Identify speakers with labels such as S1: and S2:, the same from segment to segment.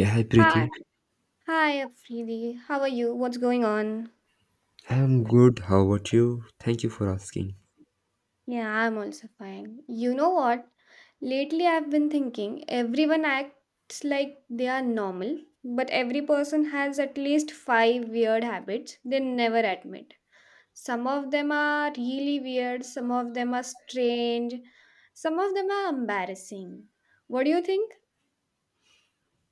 S1: Yeah, hi Preeti.
S2: Hi, hi, Afridi. How are you? What's going on?
S1: I'm good. How about you? Thank you for asking.
S2: Yeah, I'm also fine. You know what? Lately, I've been thinking everyone acts like they are normal, but every person has at least five weird habits they never admit. Some of them are really weird, some of them are strange, some of them are embarrassing. What do you think?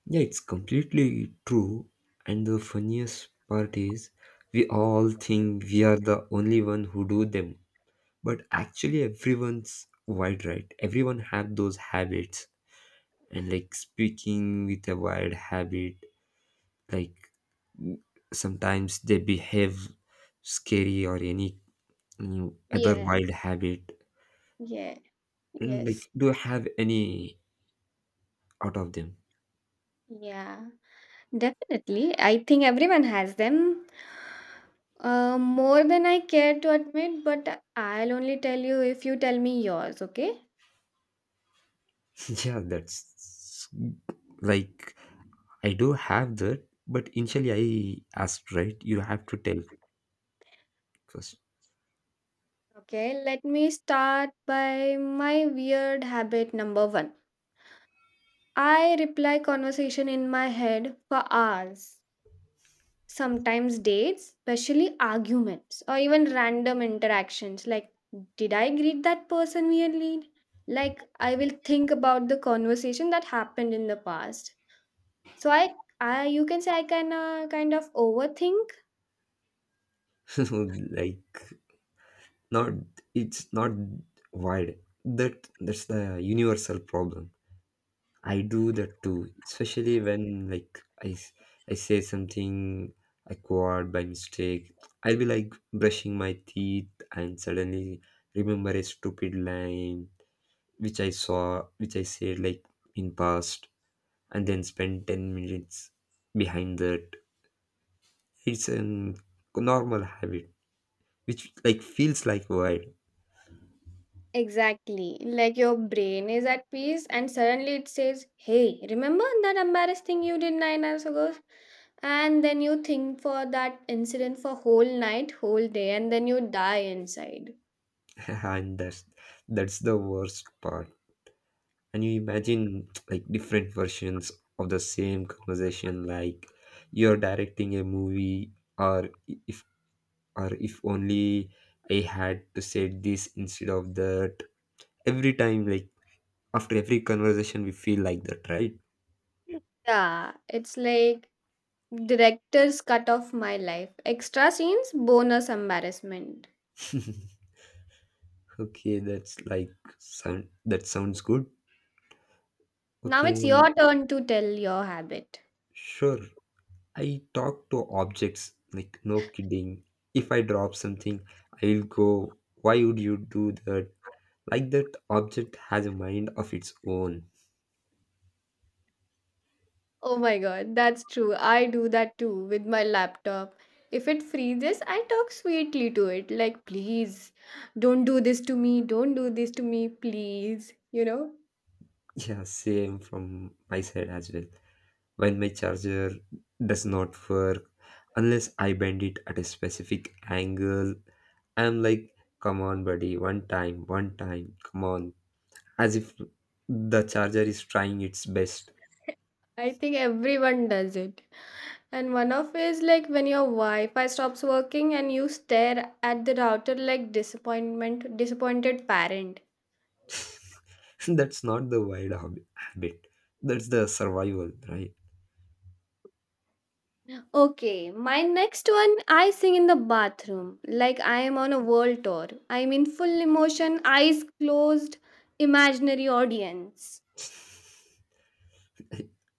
S1: Yeah, it's completely true. And the funniest part is, we all think we are the only one who do them, but actually, everyone's wide right. Everyone have those habits, and like speaking with a wild habit. Like sometimes they behave scary or any other
S2: Yeah,
S1: wild habit.
S2: yeah,
S1: And
S2: yes.
S1: like, do you have any out of them?
S2: Yeah, definitely. I think everyone has them. More than I care to admit, but I'll only tell you if you tell me yours, okay?
S1: Yeah, that's like I do have that, but initially I asked, right? You have to tell first.
S2: Okay, let me start by my weird habit number one. I reply conversation in my head for hours, sometimes dates, especially arguments or even random interactions. Like, did I greet that person weirdly? Like, I will think about the conversation that happened in the past. So I, you can say I can kind of overthink.
S1: like not it's not wide. That's the universal problem. I do that too, especially when like I say something acquired by mistake. I'll be like brushing my teeth and suddenly remember a stupid line which I saw, which I said like in past and then spend 10 minutes behind that it's a normal habit which like feels like why.
S2: Exactly. Like your brain is at peace, and suddenly it says, Hey, remember that embarrassing thing you did 9 hours ago? And then you think for that incident for whole night, whole day, and then you die inside.
S1: And that's the worst part, and you imagine like different versions of the same conversation, like you're directing a movie. Or if, or if only I had to say this instead of that every time, like after every conversation we feel like that, right?
S2: Yeah, it's like director's cut of my life. Extra scenes, bonus embarrassment.
S1: Okay, that's like sound, that sounds good.
S2: Now
S1: Okay,
S2: it's your turn to tell your habit.
S1: sure. I talk to objects, like no kidding. If I drop something, I'll go, why would you do that? Like that object has a mind of its own.
S2: Oh my god, that's true. I do that too with my laptop. If it freezes, I talk sweetly to it, like, please, don't do this to me, don't do this to me, please.
S1: Yeah, same from my side as well. When my charger does not work, unless I bend it at a specific angle, I'm like, come on, buddy, one time, come on. As if the charger is trying its best.
S2: I think everyone does it. And one of is like when your Wi Fi stops working and you stare at the router like disappointment, disappointed parent.
S1: That's not the wide habit, that's the survival, right?
S2: Okay, my next one I sing in the bathroom like I am on a world tour. I am in full emotion, eyes closed, imaginary audience.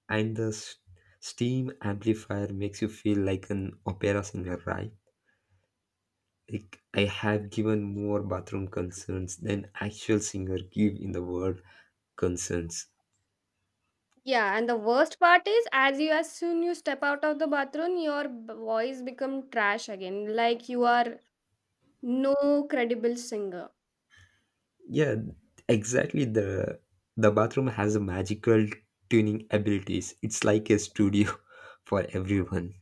S1: And the steam amplifier makes you feel like an opera singer, right? Like I have given more bathroom concerns than actual singer give in the world concerns.
S2: Yeah, and the worst part is, as soon you step out of the bathroom, your voice become trash again. Like you are no credible singer.
S1: Yeah, exactly, the bathroom has a magical tuning abilities, it's like a studio for everyone.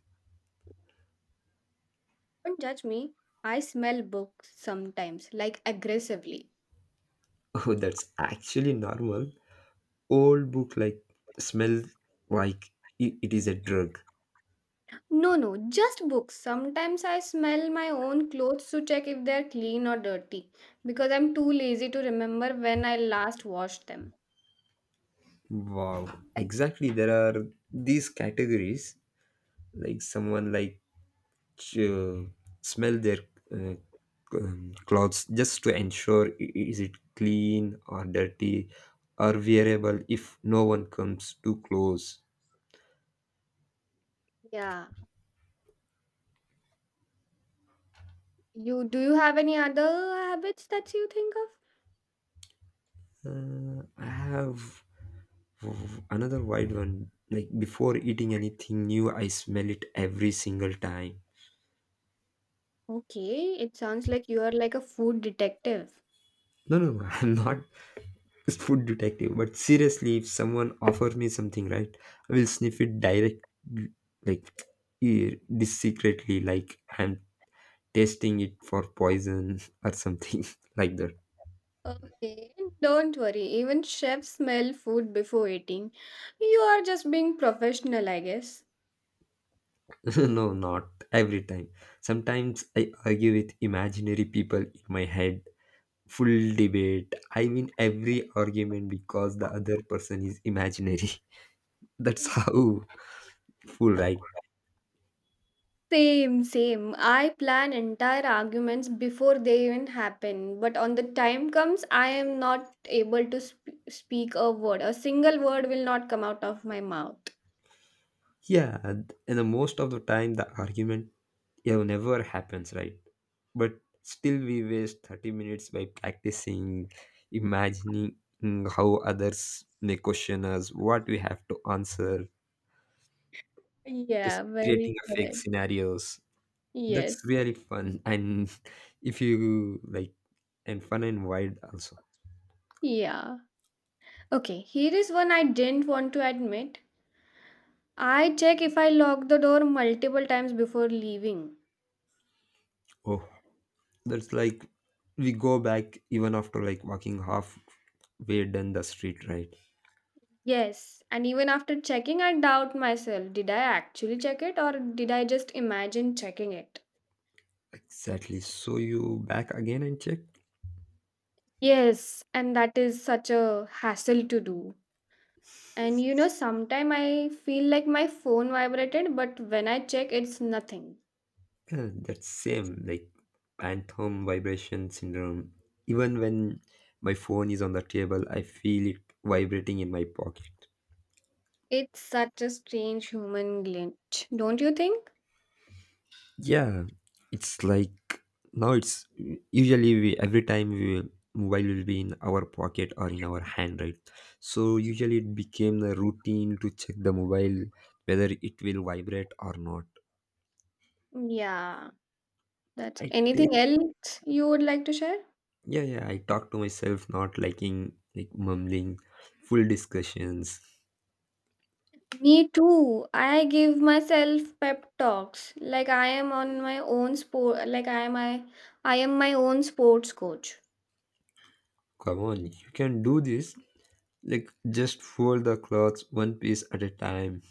S2: Don't judge me. I smell books sometimes, like aggressively.
S1: Oh, that's actually normal. Old book like smell, like it is a drug.
S2: No, no, just books. Sometimes I smell my own clothes to check if they're clean or dirty because I'm too lazy to remember when I last washed them.
S1: Wow, exactly, there are these categories like someone like uh, smell their uh, clothes just to ensure is it clean or dirty or wearable if no one comes too close.
S2: Yeah. You have any other habits that you think of?
S1: I have another wide one, like before eating anything new I smell it every single time.
S2: Okay, it sounds like you are like a food detective.
S1: No no no, I'm not food detective, but seriously if someone offers me something, right, I will sniff it direct, like this secretly, like I'm testing it for poison or something, like that.
S2: Okay, don't worry. Even chefs smell food before eating. You are just being professional, I guess.
S1: No, not every time. Sometimes I argue with imaginary people in my head, full debate, I win every argument because the other person is imaginary. That's how full, right?
S2: Same, same. I plan entire arguments before they even happen. But on the time comes, I am not able to speak a word. A single word will not come out of my mouth.
S1: Yeah, and the most of the time the argument, yeah, never happens, right? But still we waste 30 minutes by practicing, imagining, how others may question us, what we have to answer. Just
S2: Yeah,
S1: creating
S2: very
S1: a fake
S2: correct.
S1: scenarios, that's
S2: Yes.
S1: really fun. And if you like, and fun and wide also.
S2: Yeah. Okay, here is one I didn't want to admit. I check if I lock the door multiple times before leaving.
S1: Oh, that's like we go back even after like walking halfway down the street, right?
S2: Yes, and even after checking, I doubt myself. Did I actually check it or did I just imagine checking it?
S1: Exactly, so you back again and check.
S2: Yes, and that is such a hassle to do. And sometimes I feel like my phone vibrated, but when I check, it's nothing.
S1: Yeah, that same like phantom vibration syndrome. Even when my phone is on the table, I feel it vibrating in my pocket.
S2: It's such a strange human glitch, don't you think?
S1: Yeah, it's like now it's usually we every time we mobile will be in our pocket or in our hand, right? So usually it became the routine to check the mobile whether it will vibrate or not.
S2: Yeah, that
S1: I take,
S2: anything else you would like to share?
S1: yeah yeah, I talk to myself, not liking like mumbling, full discussions.
S2: Me too. I give myself pep talks like I am on my own sport, like I am my own sports coach.
S1: Come on, you can do this. Like, just fold the clothes one piece at a time.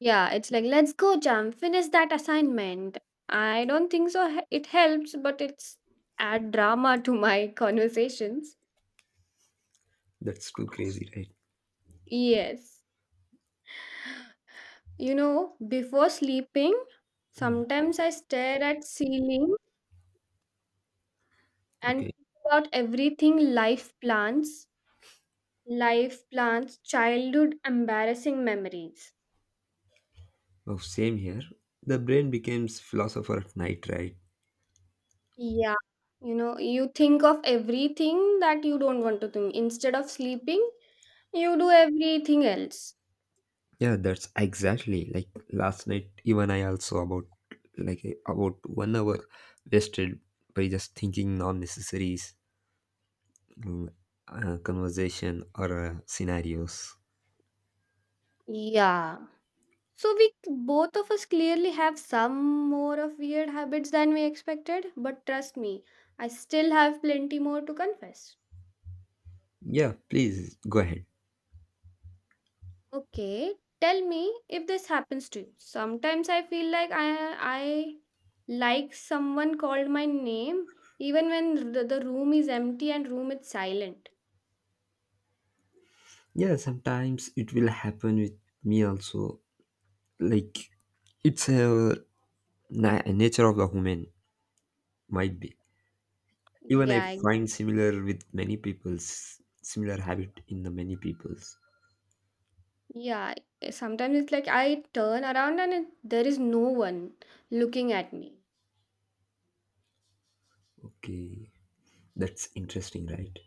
S2: Yeah, it's like, let's go, Jam, finish that assignment. I don't think so. It helps, but it's add drama to my conversations.
S1: That's too crazy, right?
S2: Yes. Before sleeping,
S1: Mm.
S2: sometimes I stare at ceiling and
S1: Okay.
S2: think about everything life plans, childhood embarrassing memories.
S1: Oh, same here. The brain becomes philosopher at night, right?
S2: Yeah. You think of everything that you don't want to think. Instead of sleeping, you do everything else.
S1: Yeah, that's exactly like last night. Even I also about like about 1 hour wasted by just thinking non-necessaries, mm, conversation or scenarios.
S2: Yeah. So we both of us clearly have some more of weird habits than we expected, but trust me, I still have plenty more to confess.
S1: Yeah, please go ahead.
S2: Okay, tell me if this happens to you. Sometimes I feel like I like someone called my name even when the room is empty and room is silent.
S1: Yeah, sometimes it will happen with me also. Like it's a nature of the human, might be. Even I
S2: Yeah,
S1: find similar with many people's similar habit in the many people's.
S2: yeah. Sometimes it's like I turn around and there is no one looking at me.
S1: Okay, that's interesting, right?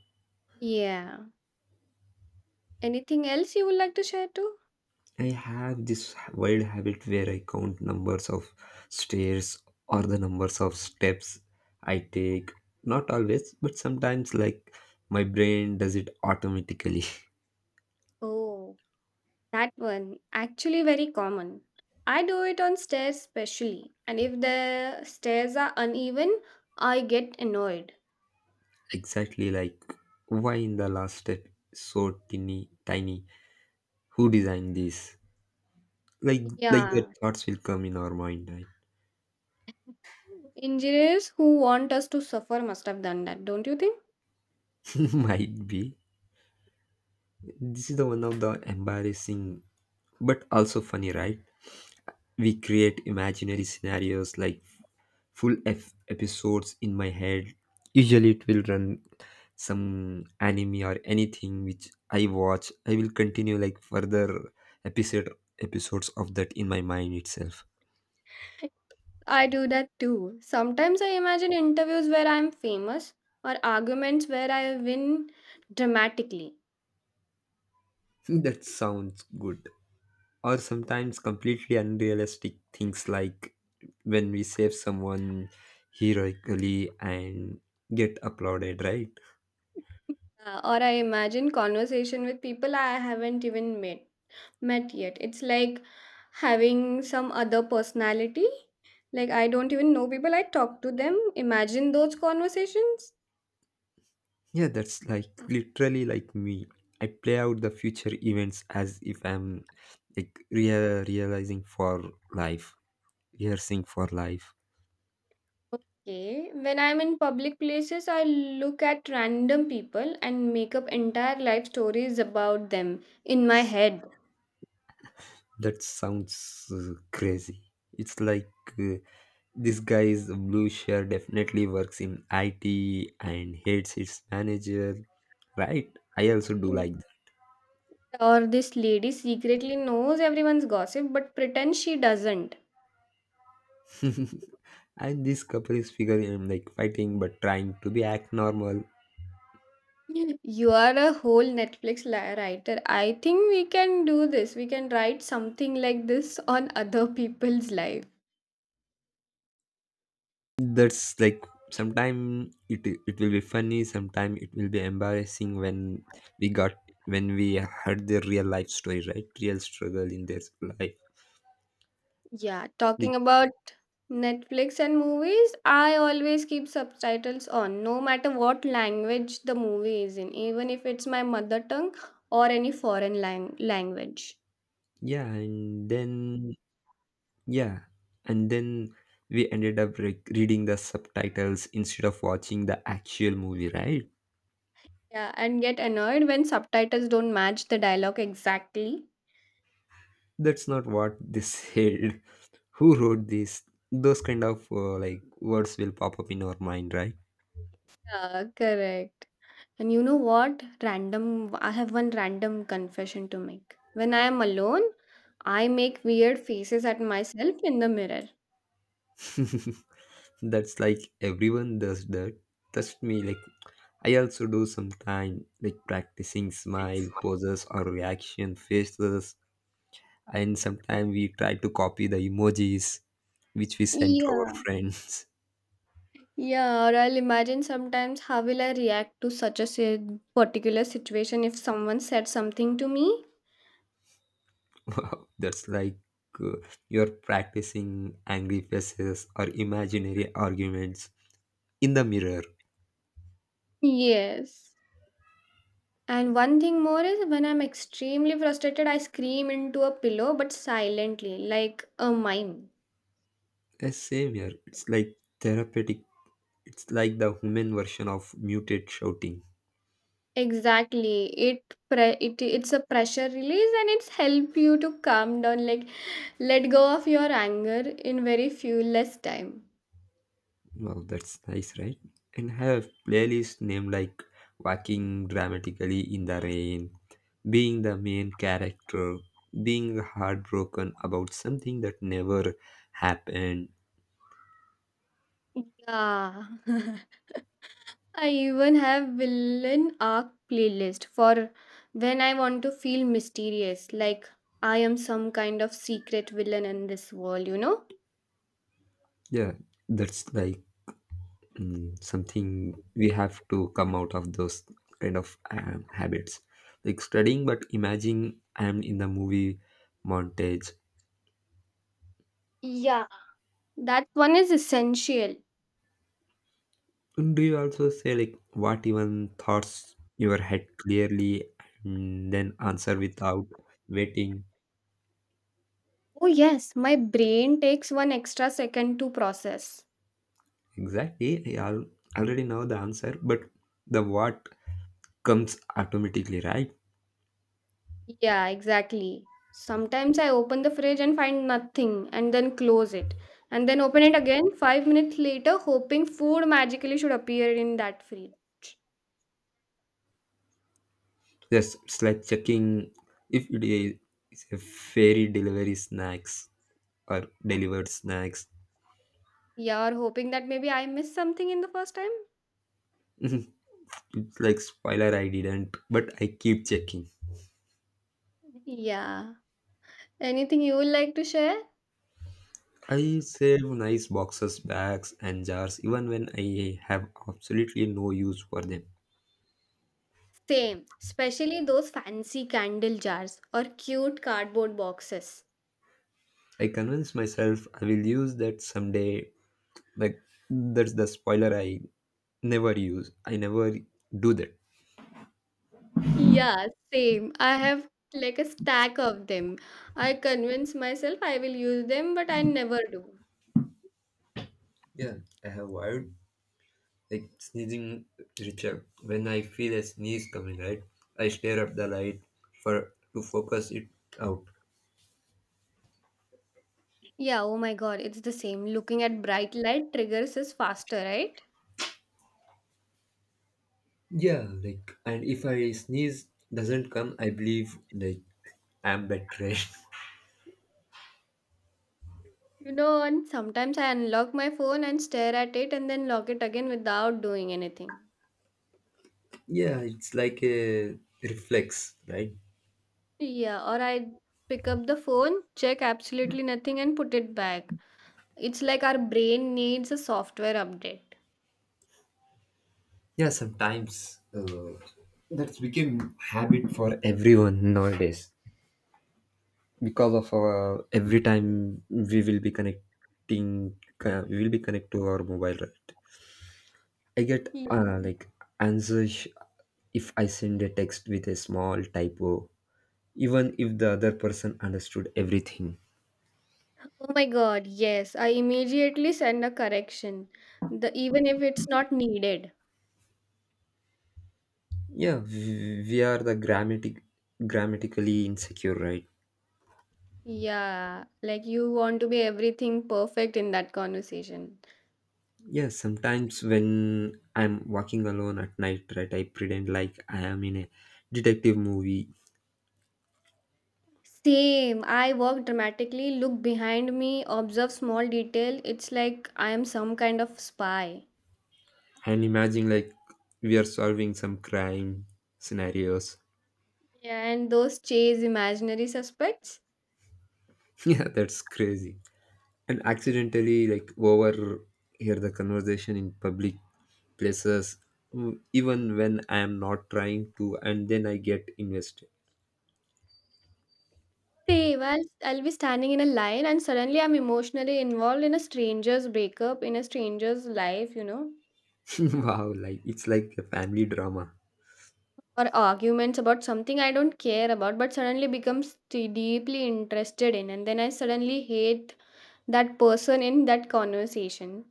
S2: Yeah. Anything else you would like to share too?
S1: I have this wild habit where I count numbers of stairs or the numbers of steps I take. Not always but sometimes, like my brain does it automatically.
S2: Oh, that one actually very common. I do it on stairs specially, and if the stairs are uneven, I get annoyed.
S1: Exactly, like why in the last step is so tiny tiny, who designed this, like like the
S2: Yeah,
S1: thoughts will come in our mind,
S2: engineers who want us to suffer must have done that, don't you think?
S1: right? Might be. This is the one of the embarrassing but also funny, right? We create imaginary scenarios like full f episodes in my head. Usually it will run some anime or anything which I watch, I will continue like further episode episodes of that in my mind itself.
S2: I do that too. Sometimes I imagine interviews where I'm famous or arguments where I win dramatically.
S1: That sounds good. Or sometimes completely unrealistic things like when we save someone heroically and get applauded, right?
S2: Or I imagine conversation with people I haven't even met yet. It's like having some other personality. Like I don't even know people. I talk to them. Imagine those conversations.
S1: Yeah, that's like literally like me. I play out the future events as if I'm like realizing for life, rehearsing for life.
S2: Okay. When I'm in public places, I look at random people and make up entire life stories about them in my head.
S1: That sounds crazy. It's like uh, this guy's blue shirt definitely works in IT and hates its manager, right? I also do like that.
S2: Or this lady secretly knows everyone's gossip but pretends she doesn't.
S1: And this couple is figuring like fighting but trying to be act normal.
S2: You are a whole Netflix writer. I think we can do this. We can write something like this on other people's life.
S1: That's like sometimes it will be funny, sometimes it will be embarrassing when we got, when we heard their real life story, right? Real struggle in their life.
S2: Yeah,
S1: Like,
S2: talking about Netflix and movies, I always keep subtitles on no matter what language the movie is in, even if it's my mother tongue or any foreign language.
S1: yeah, and then. Yeah, and then we ended up reading the subtitles instead of watching the actual movie, right?
S2: Yeah, and get annoyed when subtitles don't match the dialogue exactly.
S1: That's not what they said. Who wrote this? Those kind of like words will pop up in our mind, right?
S2: Yeah, correct. And you know what? Random, I have one random confession to make. When I am alone, I make weird faces at myself in the mirror.
S1: That's like everyone does that. Trust me, like I also do sometime, like practicing smile poses or reaction faces, and sometimes we try to copy the emojis which we send to our
S2: Yeah.
S1: friends.
S2: Yeah, or I'll imagine sometimes how will I react to such a particular situation if someone said something to me?
S1: Wow, that's like uh, you're practicing angry faces or imaginary arguments in the mirror.
S2: Yes. And one thing more is when I'm extremely frustrated, I scream into a pillow but silently, like a mime.
S1: Same here. It's like therapeutic. It's like the human version of muted shouting.
S2: Exactly. It's a pressure release and it's help you to calm down, like let go of your anger in very few less time.
S1: Wow, that's nice, right? And have playlist name like Walking Dramatically in the Rain, being the main character, being heartbroken about something that never happened.
S2: Yeah. I even have villain arc playlist for when I want to feel mysterious, like I am some kind of secret villain in this world, you know?
S1: Yeah, that's like something we have to come out of those kind of habits, like studying but imagine I'm in the movie montage.
S2: Yeah. That one is essential.
S1: And do you also say like what even thoughts your head clearly and then answer without waiting.
S2: Oh yes, my brain takes one extra second to process.
S1: Exactly, already know the answer but the what comes automatically, right?
S2: Yeah, exactly. Sometimes I open the fridge and find nothing and then close it and then open it again 5 minutes later hoping food magically should appear in that fridge.
S1: Yes, it's like checking if it is a fairy delivery snacks or delivered snacks.
S2: Yeah, or hoping that maybe I missed something in the first time.
S1: It's like spoiler, I didn't but I keep checking.
S2: Yeah. Anything you would like to share?
S1: I save nice boxes, bags and jars even when I have absolutely no use for them.
S2: Same, especially those fancy candle jars or cute cardboard boxes.
S1: I convince myself I will use that someday, like that's the spoiler, I never use, I never do that.
S2: Yeah, same. I have like a stack of them. I convince myself I will use them, but I never do.
S1: Yeah, I have wired like sneezing ritual. When I feel a sneeze coming, right, I stare at the light for, to focus it out.
S2: Yeah, oh my god, it's the same. Looking at bright light triggers us faster, right?
S1: Yeah, like, and if I sneeze doesn't come, I believe like I'm better.
S2: And sometimes I unlock my phone and stare at it and then lock it again without doing anything.
S1: Yeah, it's like a reflex, right?
S2: Yeah, or I pick up the phone, check absolutely nothing, and put it back. It's like our brain needs a software update.
S1: Yeah, sometimes that's become habit for everyone nowadays, because of our every time we will be connecting, we will be connect to our mobile, right? I get
S2: Yeah.
S1: like answers if I send a text with a small typo, even if the other person understood everything.
S2: Oh my god, yes, I immediately send a correction, even if it's not needed.
S1: Yeah, we are the grammatically insecure, right?
S2: Yeah, like you want to be everything perfect in that conversation.
S1: Yeah, sometimes when I'm walking alone at night, right, I pretend like I am in a detective movie.
S2: Same. I walk dramatically, look behind me, observe small detail. It's like I am some kind of spy.
S1: And imagine like we are solving some crime scenarios.
S2: Yeah, and those chase imaginary suspects.
S1: Yeah, that's crazy. And accidentally like overhear the conversation in public places, even when I am not trying to, and then I get invested.
S2: Same. I'll be standing in a line and suddenly I'm emotionally involved in a stranger's breakup, in a stranger's life,
S1: Wow, like it's like a family drama.
S2: or arguments about something I don't care about, but suddenly becomes deeply interested in. And then I suddenly hate that person in that conversation.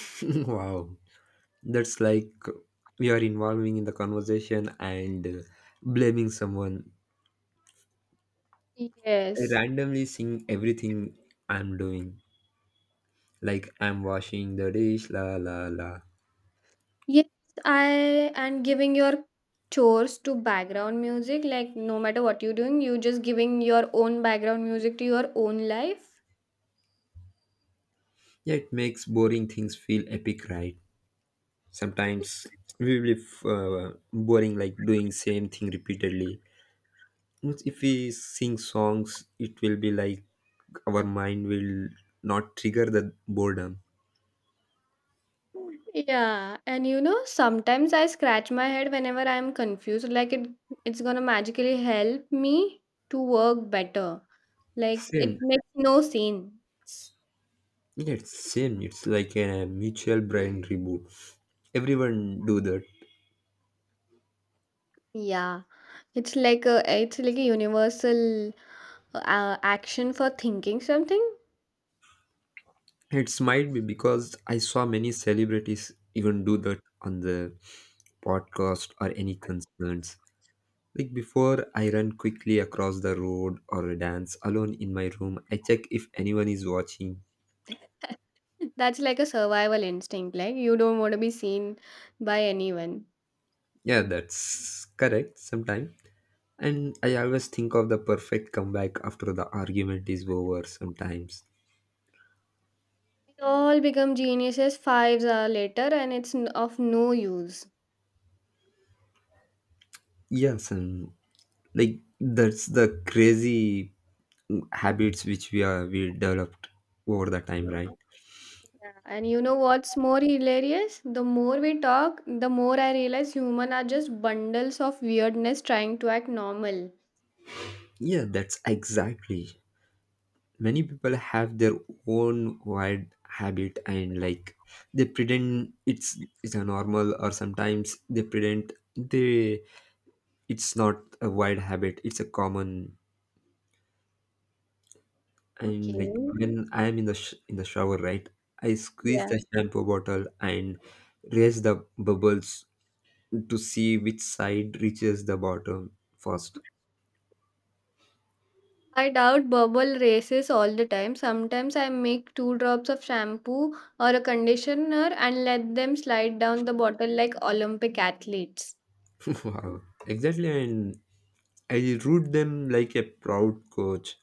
S1: Wow, that's like we are involving in the conversation and blaming someone. I
S2: Yes.
S1: randomly sing everything I'm doing, like I'm washing the dish, la la la.
S2: Yes, I and giving your chores to background music, like no matter what you're doing, you just giving your own background music to your own life.
S1: Yeah, it makes boring things feel epic, right? Sometimes we will boring like doing same thing repeatedly. Means, if we sing songs, it will be like our mind will not trigger the boredom.
S2: Yeah, and sometimes I scratch my head whenever I'm confused, like it's gonna magically help me to work better. Like it
S1: Same.
S2: makes no sense.
S1: Yeah, it's same. It's like a mutual brain reboot. Everyone do that.
S2: Yeah, it's like a universal action for thinking something.
S1: It's might be because I saw many celebrities even do that on the podcast or any concerns. Like before I run quickly across the road or dance alone in my room, I check if anyone is watching.
S2: That's like a survival instinct. Like you don't want to be seen by anyone.
S1: Yeah, that's correct sometime. And I always think of the perfect comeback after the argument is over sometimes.
S2: We all become geniuses 5 hours later, and it's of no use.
S1: Yes, and like that's the crazy habits which we are we developed over the time, right?
S2: Yeah. And you know what's more hilarious? The more we talk, the more I realize humans are just bundles of weirdness trying to act normal.
S1: Yeah, that's exactly. Many people have their own wild habit and like they pretend it's a normal, or sometimes they pretend they it's not a wild habit, it's a common. And like
S2: Okay.
S1: when I am in the in the shower, right, I squeeze
S2: Yeah.
S1: the shampoo bottle and raise the bubbles to see which side reaches the bottom first.
S2: I doubt bubble races all the time. Sometimes I make two drops of shampoo or a conditioner and let them slide down the bottle like Olympic athletes.
S1: Wow. Exactly, and I root them like a proud coach.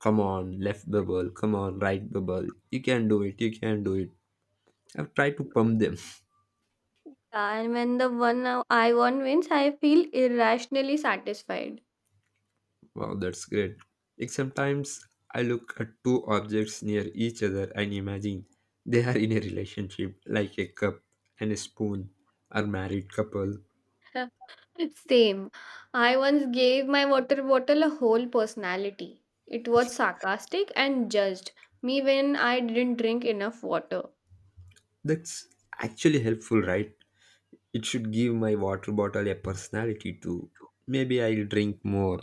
S1: Come on, left bubble. Come on, right bubble. You can do it. You can do it. I've tried to pump them.
S2: And when the one I won wins, I feel irrationally satisfied.
S1: Wow, that's great. Like sometimes I look at two objects near each other and imagine they are in a relationship, like a cup and a spoon, or married couple.
S2: Same. I once gave my water bottle a whole personality. It was sarcastic and judged me when I didn't drink enough water.
S1: That's actually helpful, right? It should give my water bottle a personality too, maybe I'll drink more.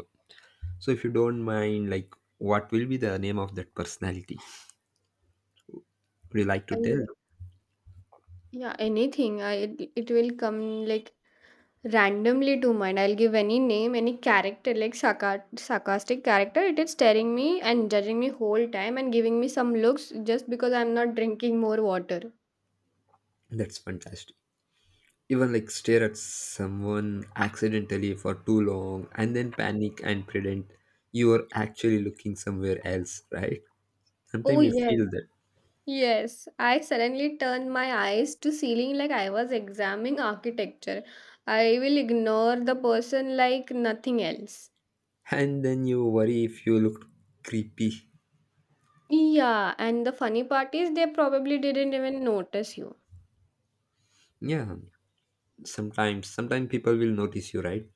S1: So if you don't mind, like what will be the name of that personality, would you like to
S2: I-
S1: tell?
S2: yeah, anything. It will come like randomly to mind. I'll give any name, any character, like sarcastic character. It is staring me and judging me whole time and giving me some looks just because I'm not drinking more water.
S1: That's fantastic. Even like stare at someone accidentally for too long and then panic and pretend you are actually looking somewhere else, right? Sometimes
S2: Oh
S1: we
S2: yes,
S1: feel that.
S2: yes. I suddenly turned my eyes to ceiling like I was examining architecture. I will ignore the person like nothing else.
S1: And then you worry if you look creepy.
S2: Yeah, and the funny part is they probably didn't even notice you.
S1: Yeah, sometimes people will notice you, right?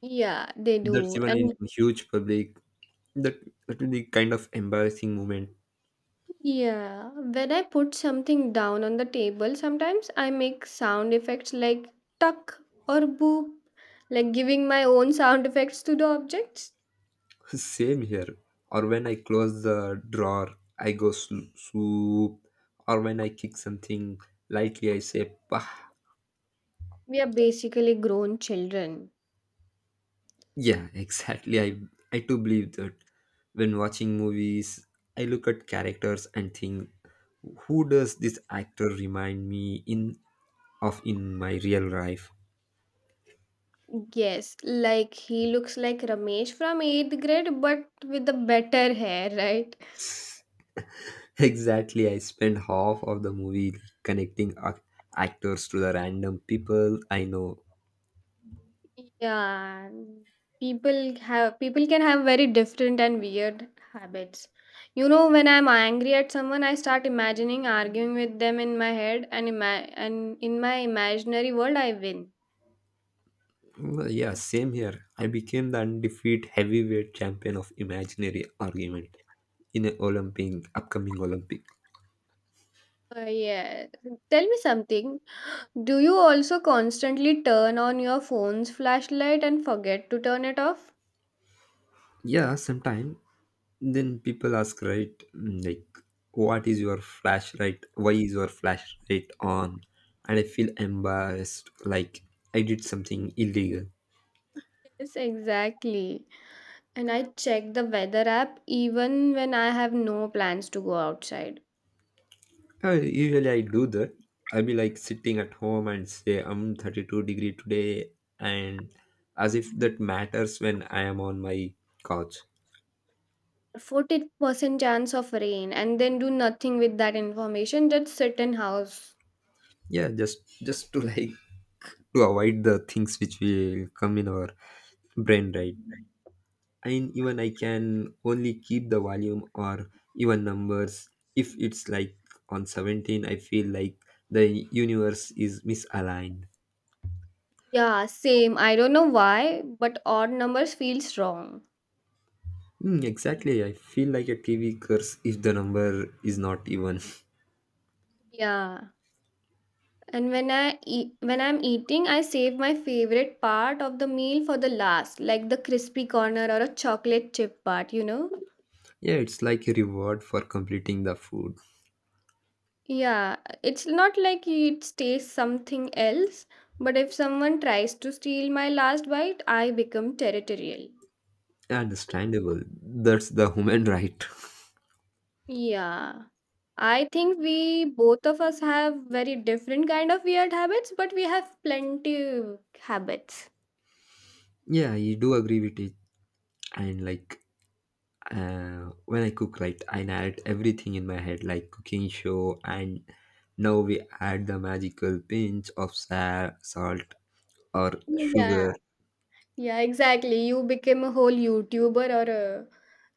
S2: Yeah, they
S1: That's
S2: do.
S1: even in
S2: And
S1: huge public, that that will be kind of embarrassing moment.
S2: yeah, when I put something down on the table, sometimes I make sound effects like tuck or boop, like giving my own sound effects to the objects.
S1: Same here. Or when I close the drawer I go swoop, or when I kick something lightly I say Pah.
S2: We are basically grown children.
S1: Yeah, exactly, I do believe that. When watching movies I look at characters and think, who does this actor remind me in of in my real life.
S2: Yes, like he looks like Ramesh from 8th grade, but with the better hair, right?
S1: Exactly, I spend half of the movie connecting actors to the random people I know.
S2: Yeah, people can have very different and weird habits. When I'm angry at someone, I start imagining arguing with them in my head, and in my imaginary world, I win.
S1: Well, yeah, same here. I became the undefeated heavyweight champion of imaginary argument in an Olympic, upcoming Olympic.
S2: Yeah. Tell me something. Do you also constantly turn on your phone's flashlight and forget to turn it off?
S1: Yeah, sometime. Then people ask, right, like, what is your flashlight? Why is your flashlight on? And I feel embarrassed, like I did something illegal.
S2: Yes, exactly. And I check the weather app even when I have no plans to go outside.
S1: Usually I do that. I'll be like sitting at home and say, I'm 32 degree today, and as if that matters when I am on my couch.
S2: 40% chance of rain and then do nothing with that information, just sit in house.
S1: Yeah, just to like to avoid the things which will come in our brain, right? And even I can only keep the volume or even numbers. If it's like on 17, I feel like the universe is misaligned.
S2: Yeah, same. I don't know why, but odd numbers feels wrong.
S1: Hmm, exactly, I feel like a TV curse if the number is not even.
S2: Yeah, and when I'm eating, I save my favorite part of the meal for the last, like the crispy corner or a chocolate chip part.
S1: Yeah, it's like a reward for completing the food.
S2: Yeah, it's not like it stays something else, but if someone tries to steal my last bite, I become territorial.
S1: Understandable, that's the human, right?
S2: Yeah. I think we both of us have very different kind of weird habits, but we have plenty habits.
S1: Yeah, I do agree with it. And like when I cook, right, I narrate everything in my head, like cooking show, and now we add the magical pinch of salt or
S2: Yeah.
S1: sugar.
S2: Yeah, exactly. You became a whole YouTuber or a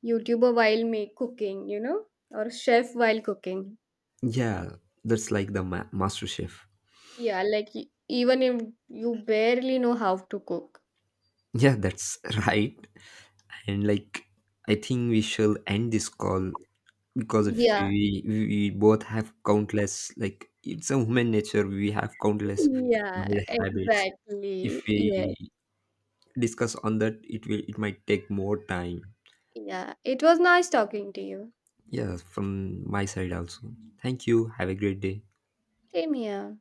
S2: YouTuber while make cooking, or chef while cooking.
S1: Yeah, that's like the master chef.
S2: Yeah, like even if you barely know how to cook.
S1: Yeah, that's right. And like, I think we shall end this call because if
S2: Yeah.
S1: we both have countless, like it's a human nature. We have countless
S2: Yeah,
S1: bad habits. If
S2: exactly. Yes.
S1: we discuss on that, it will it might take more time.
S2: Yeah. It was nice talking to you.
S1: Yeah, from my side also. Thank you. Have a great day.
S2: Same here.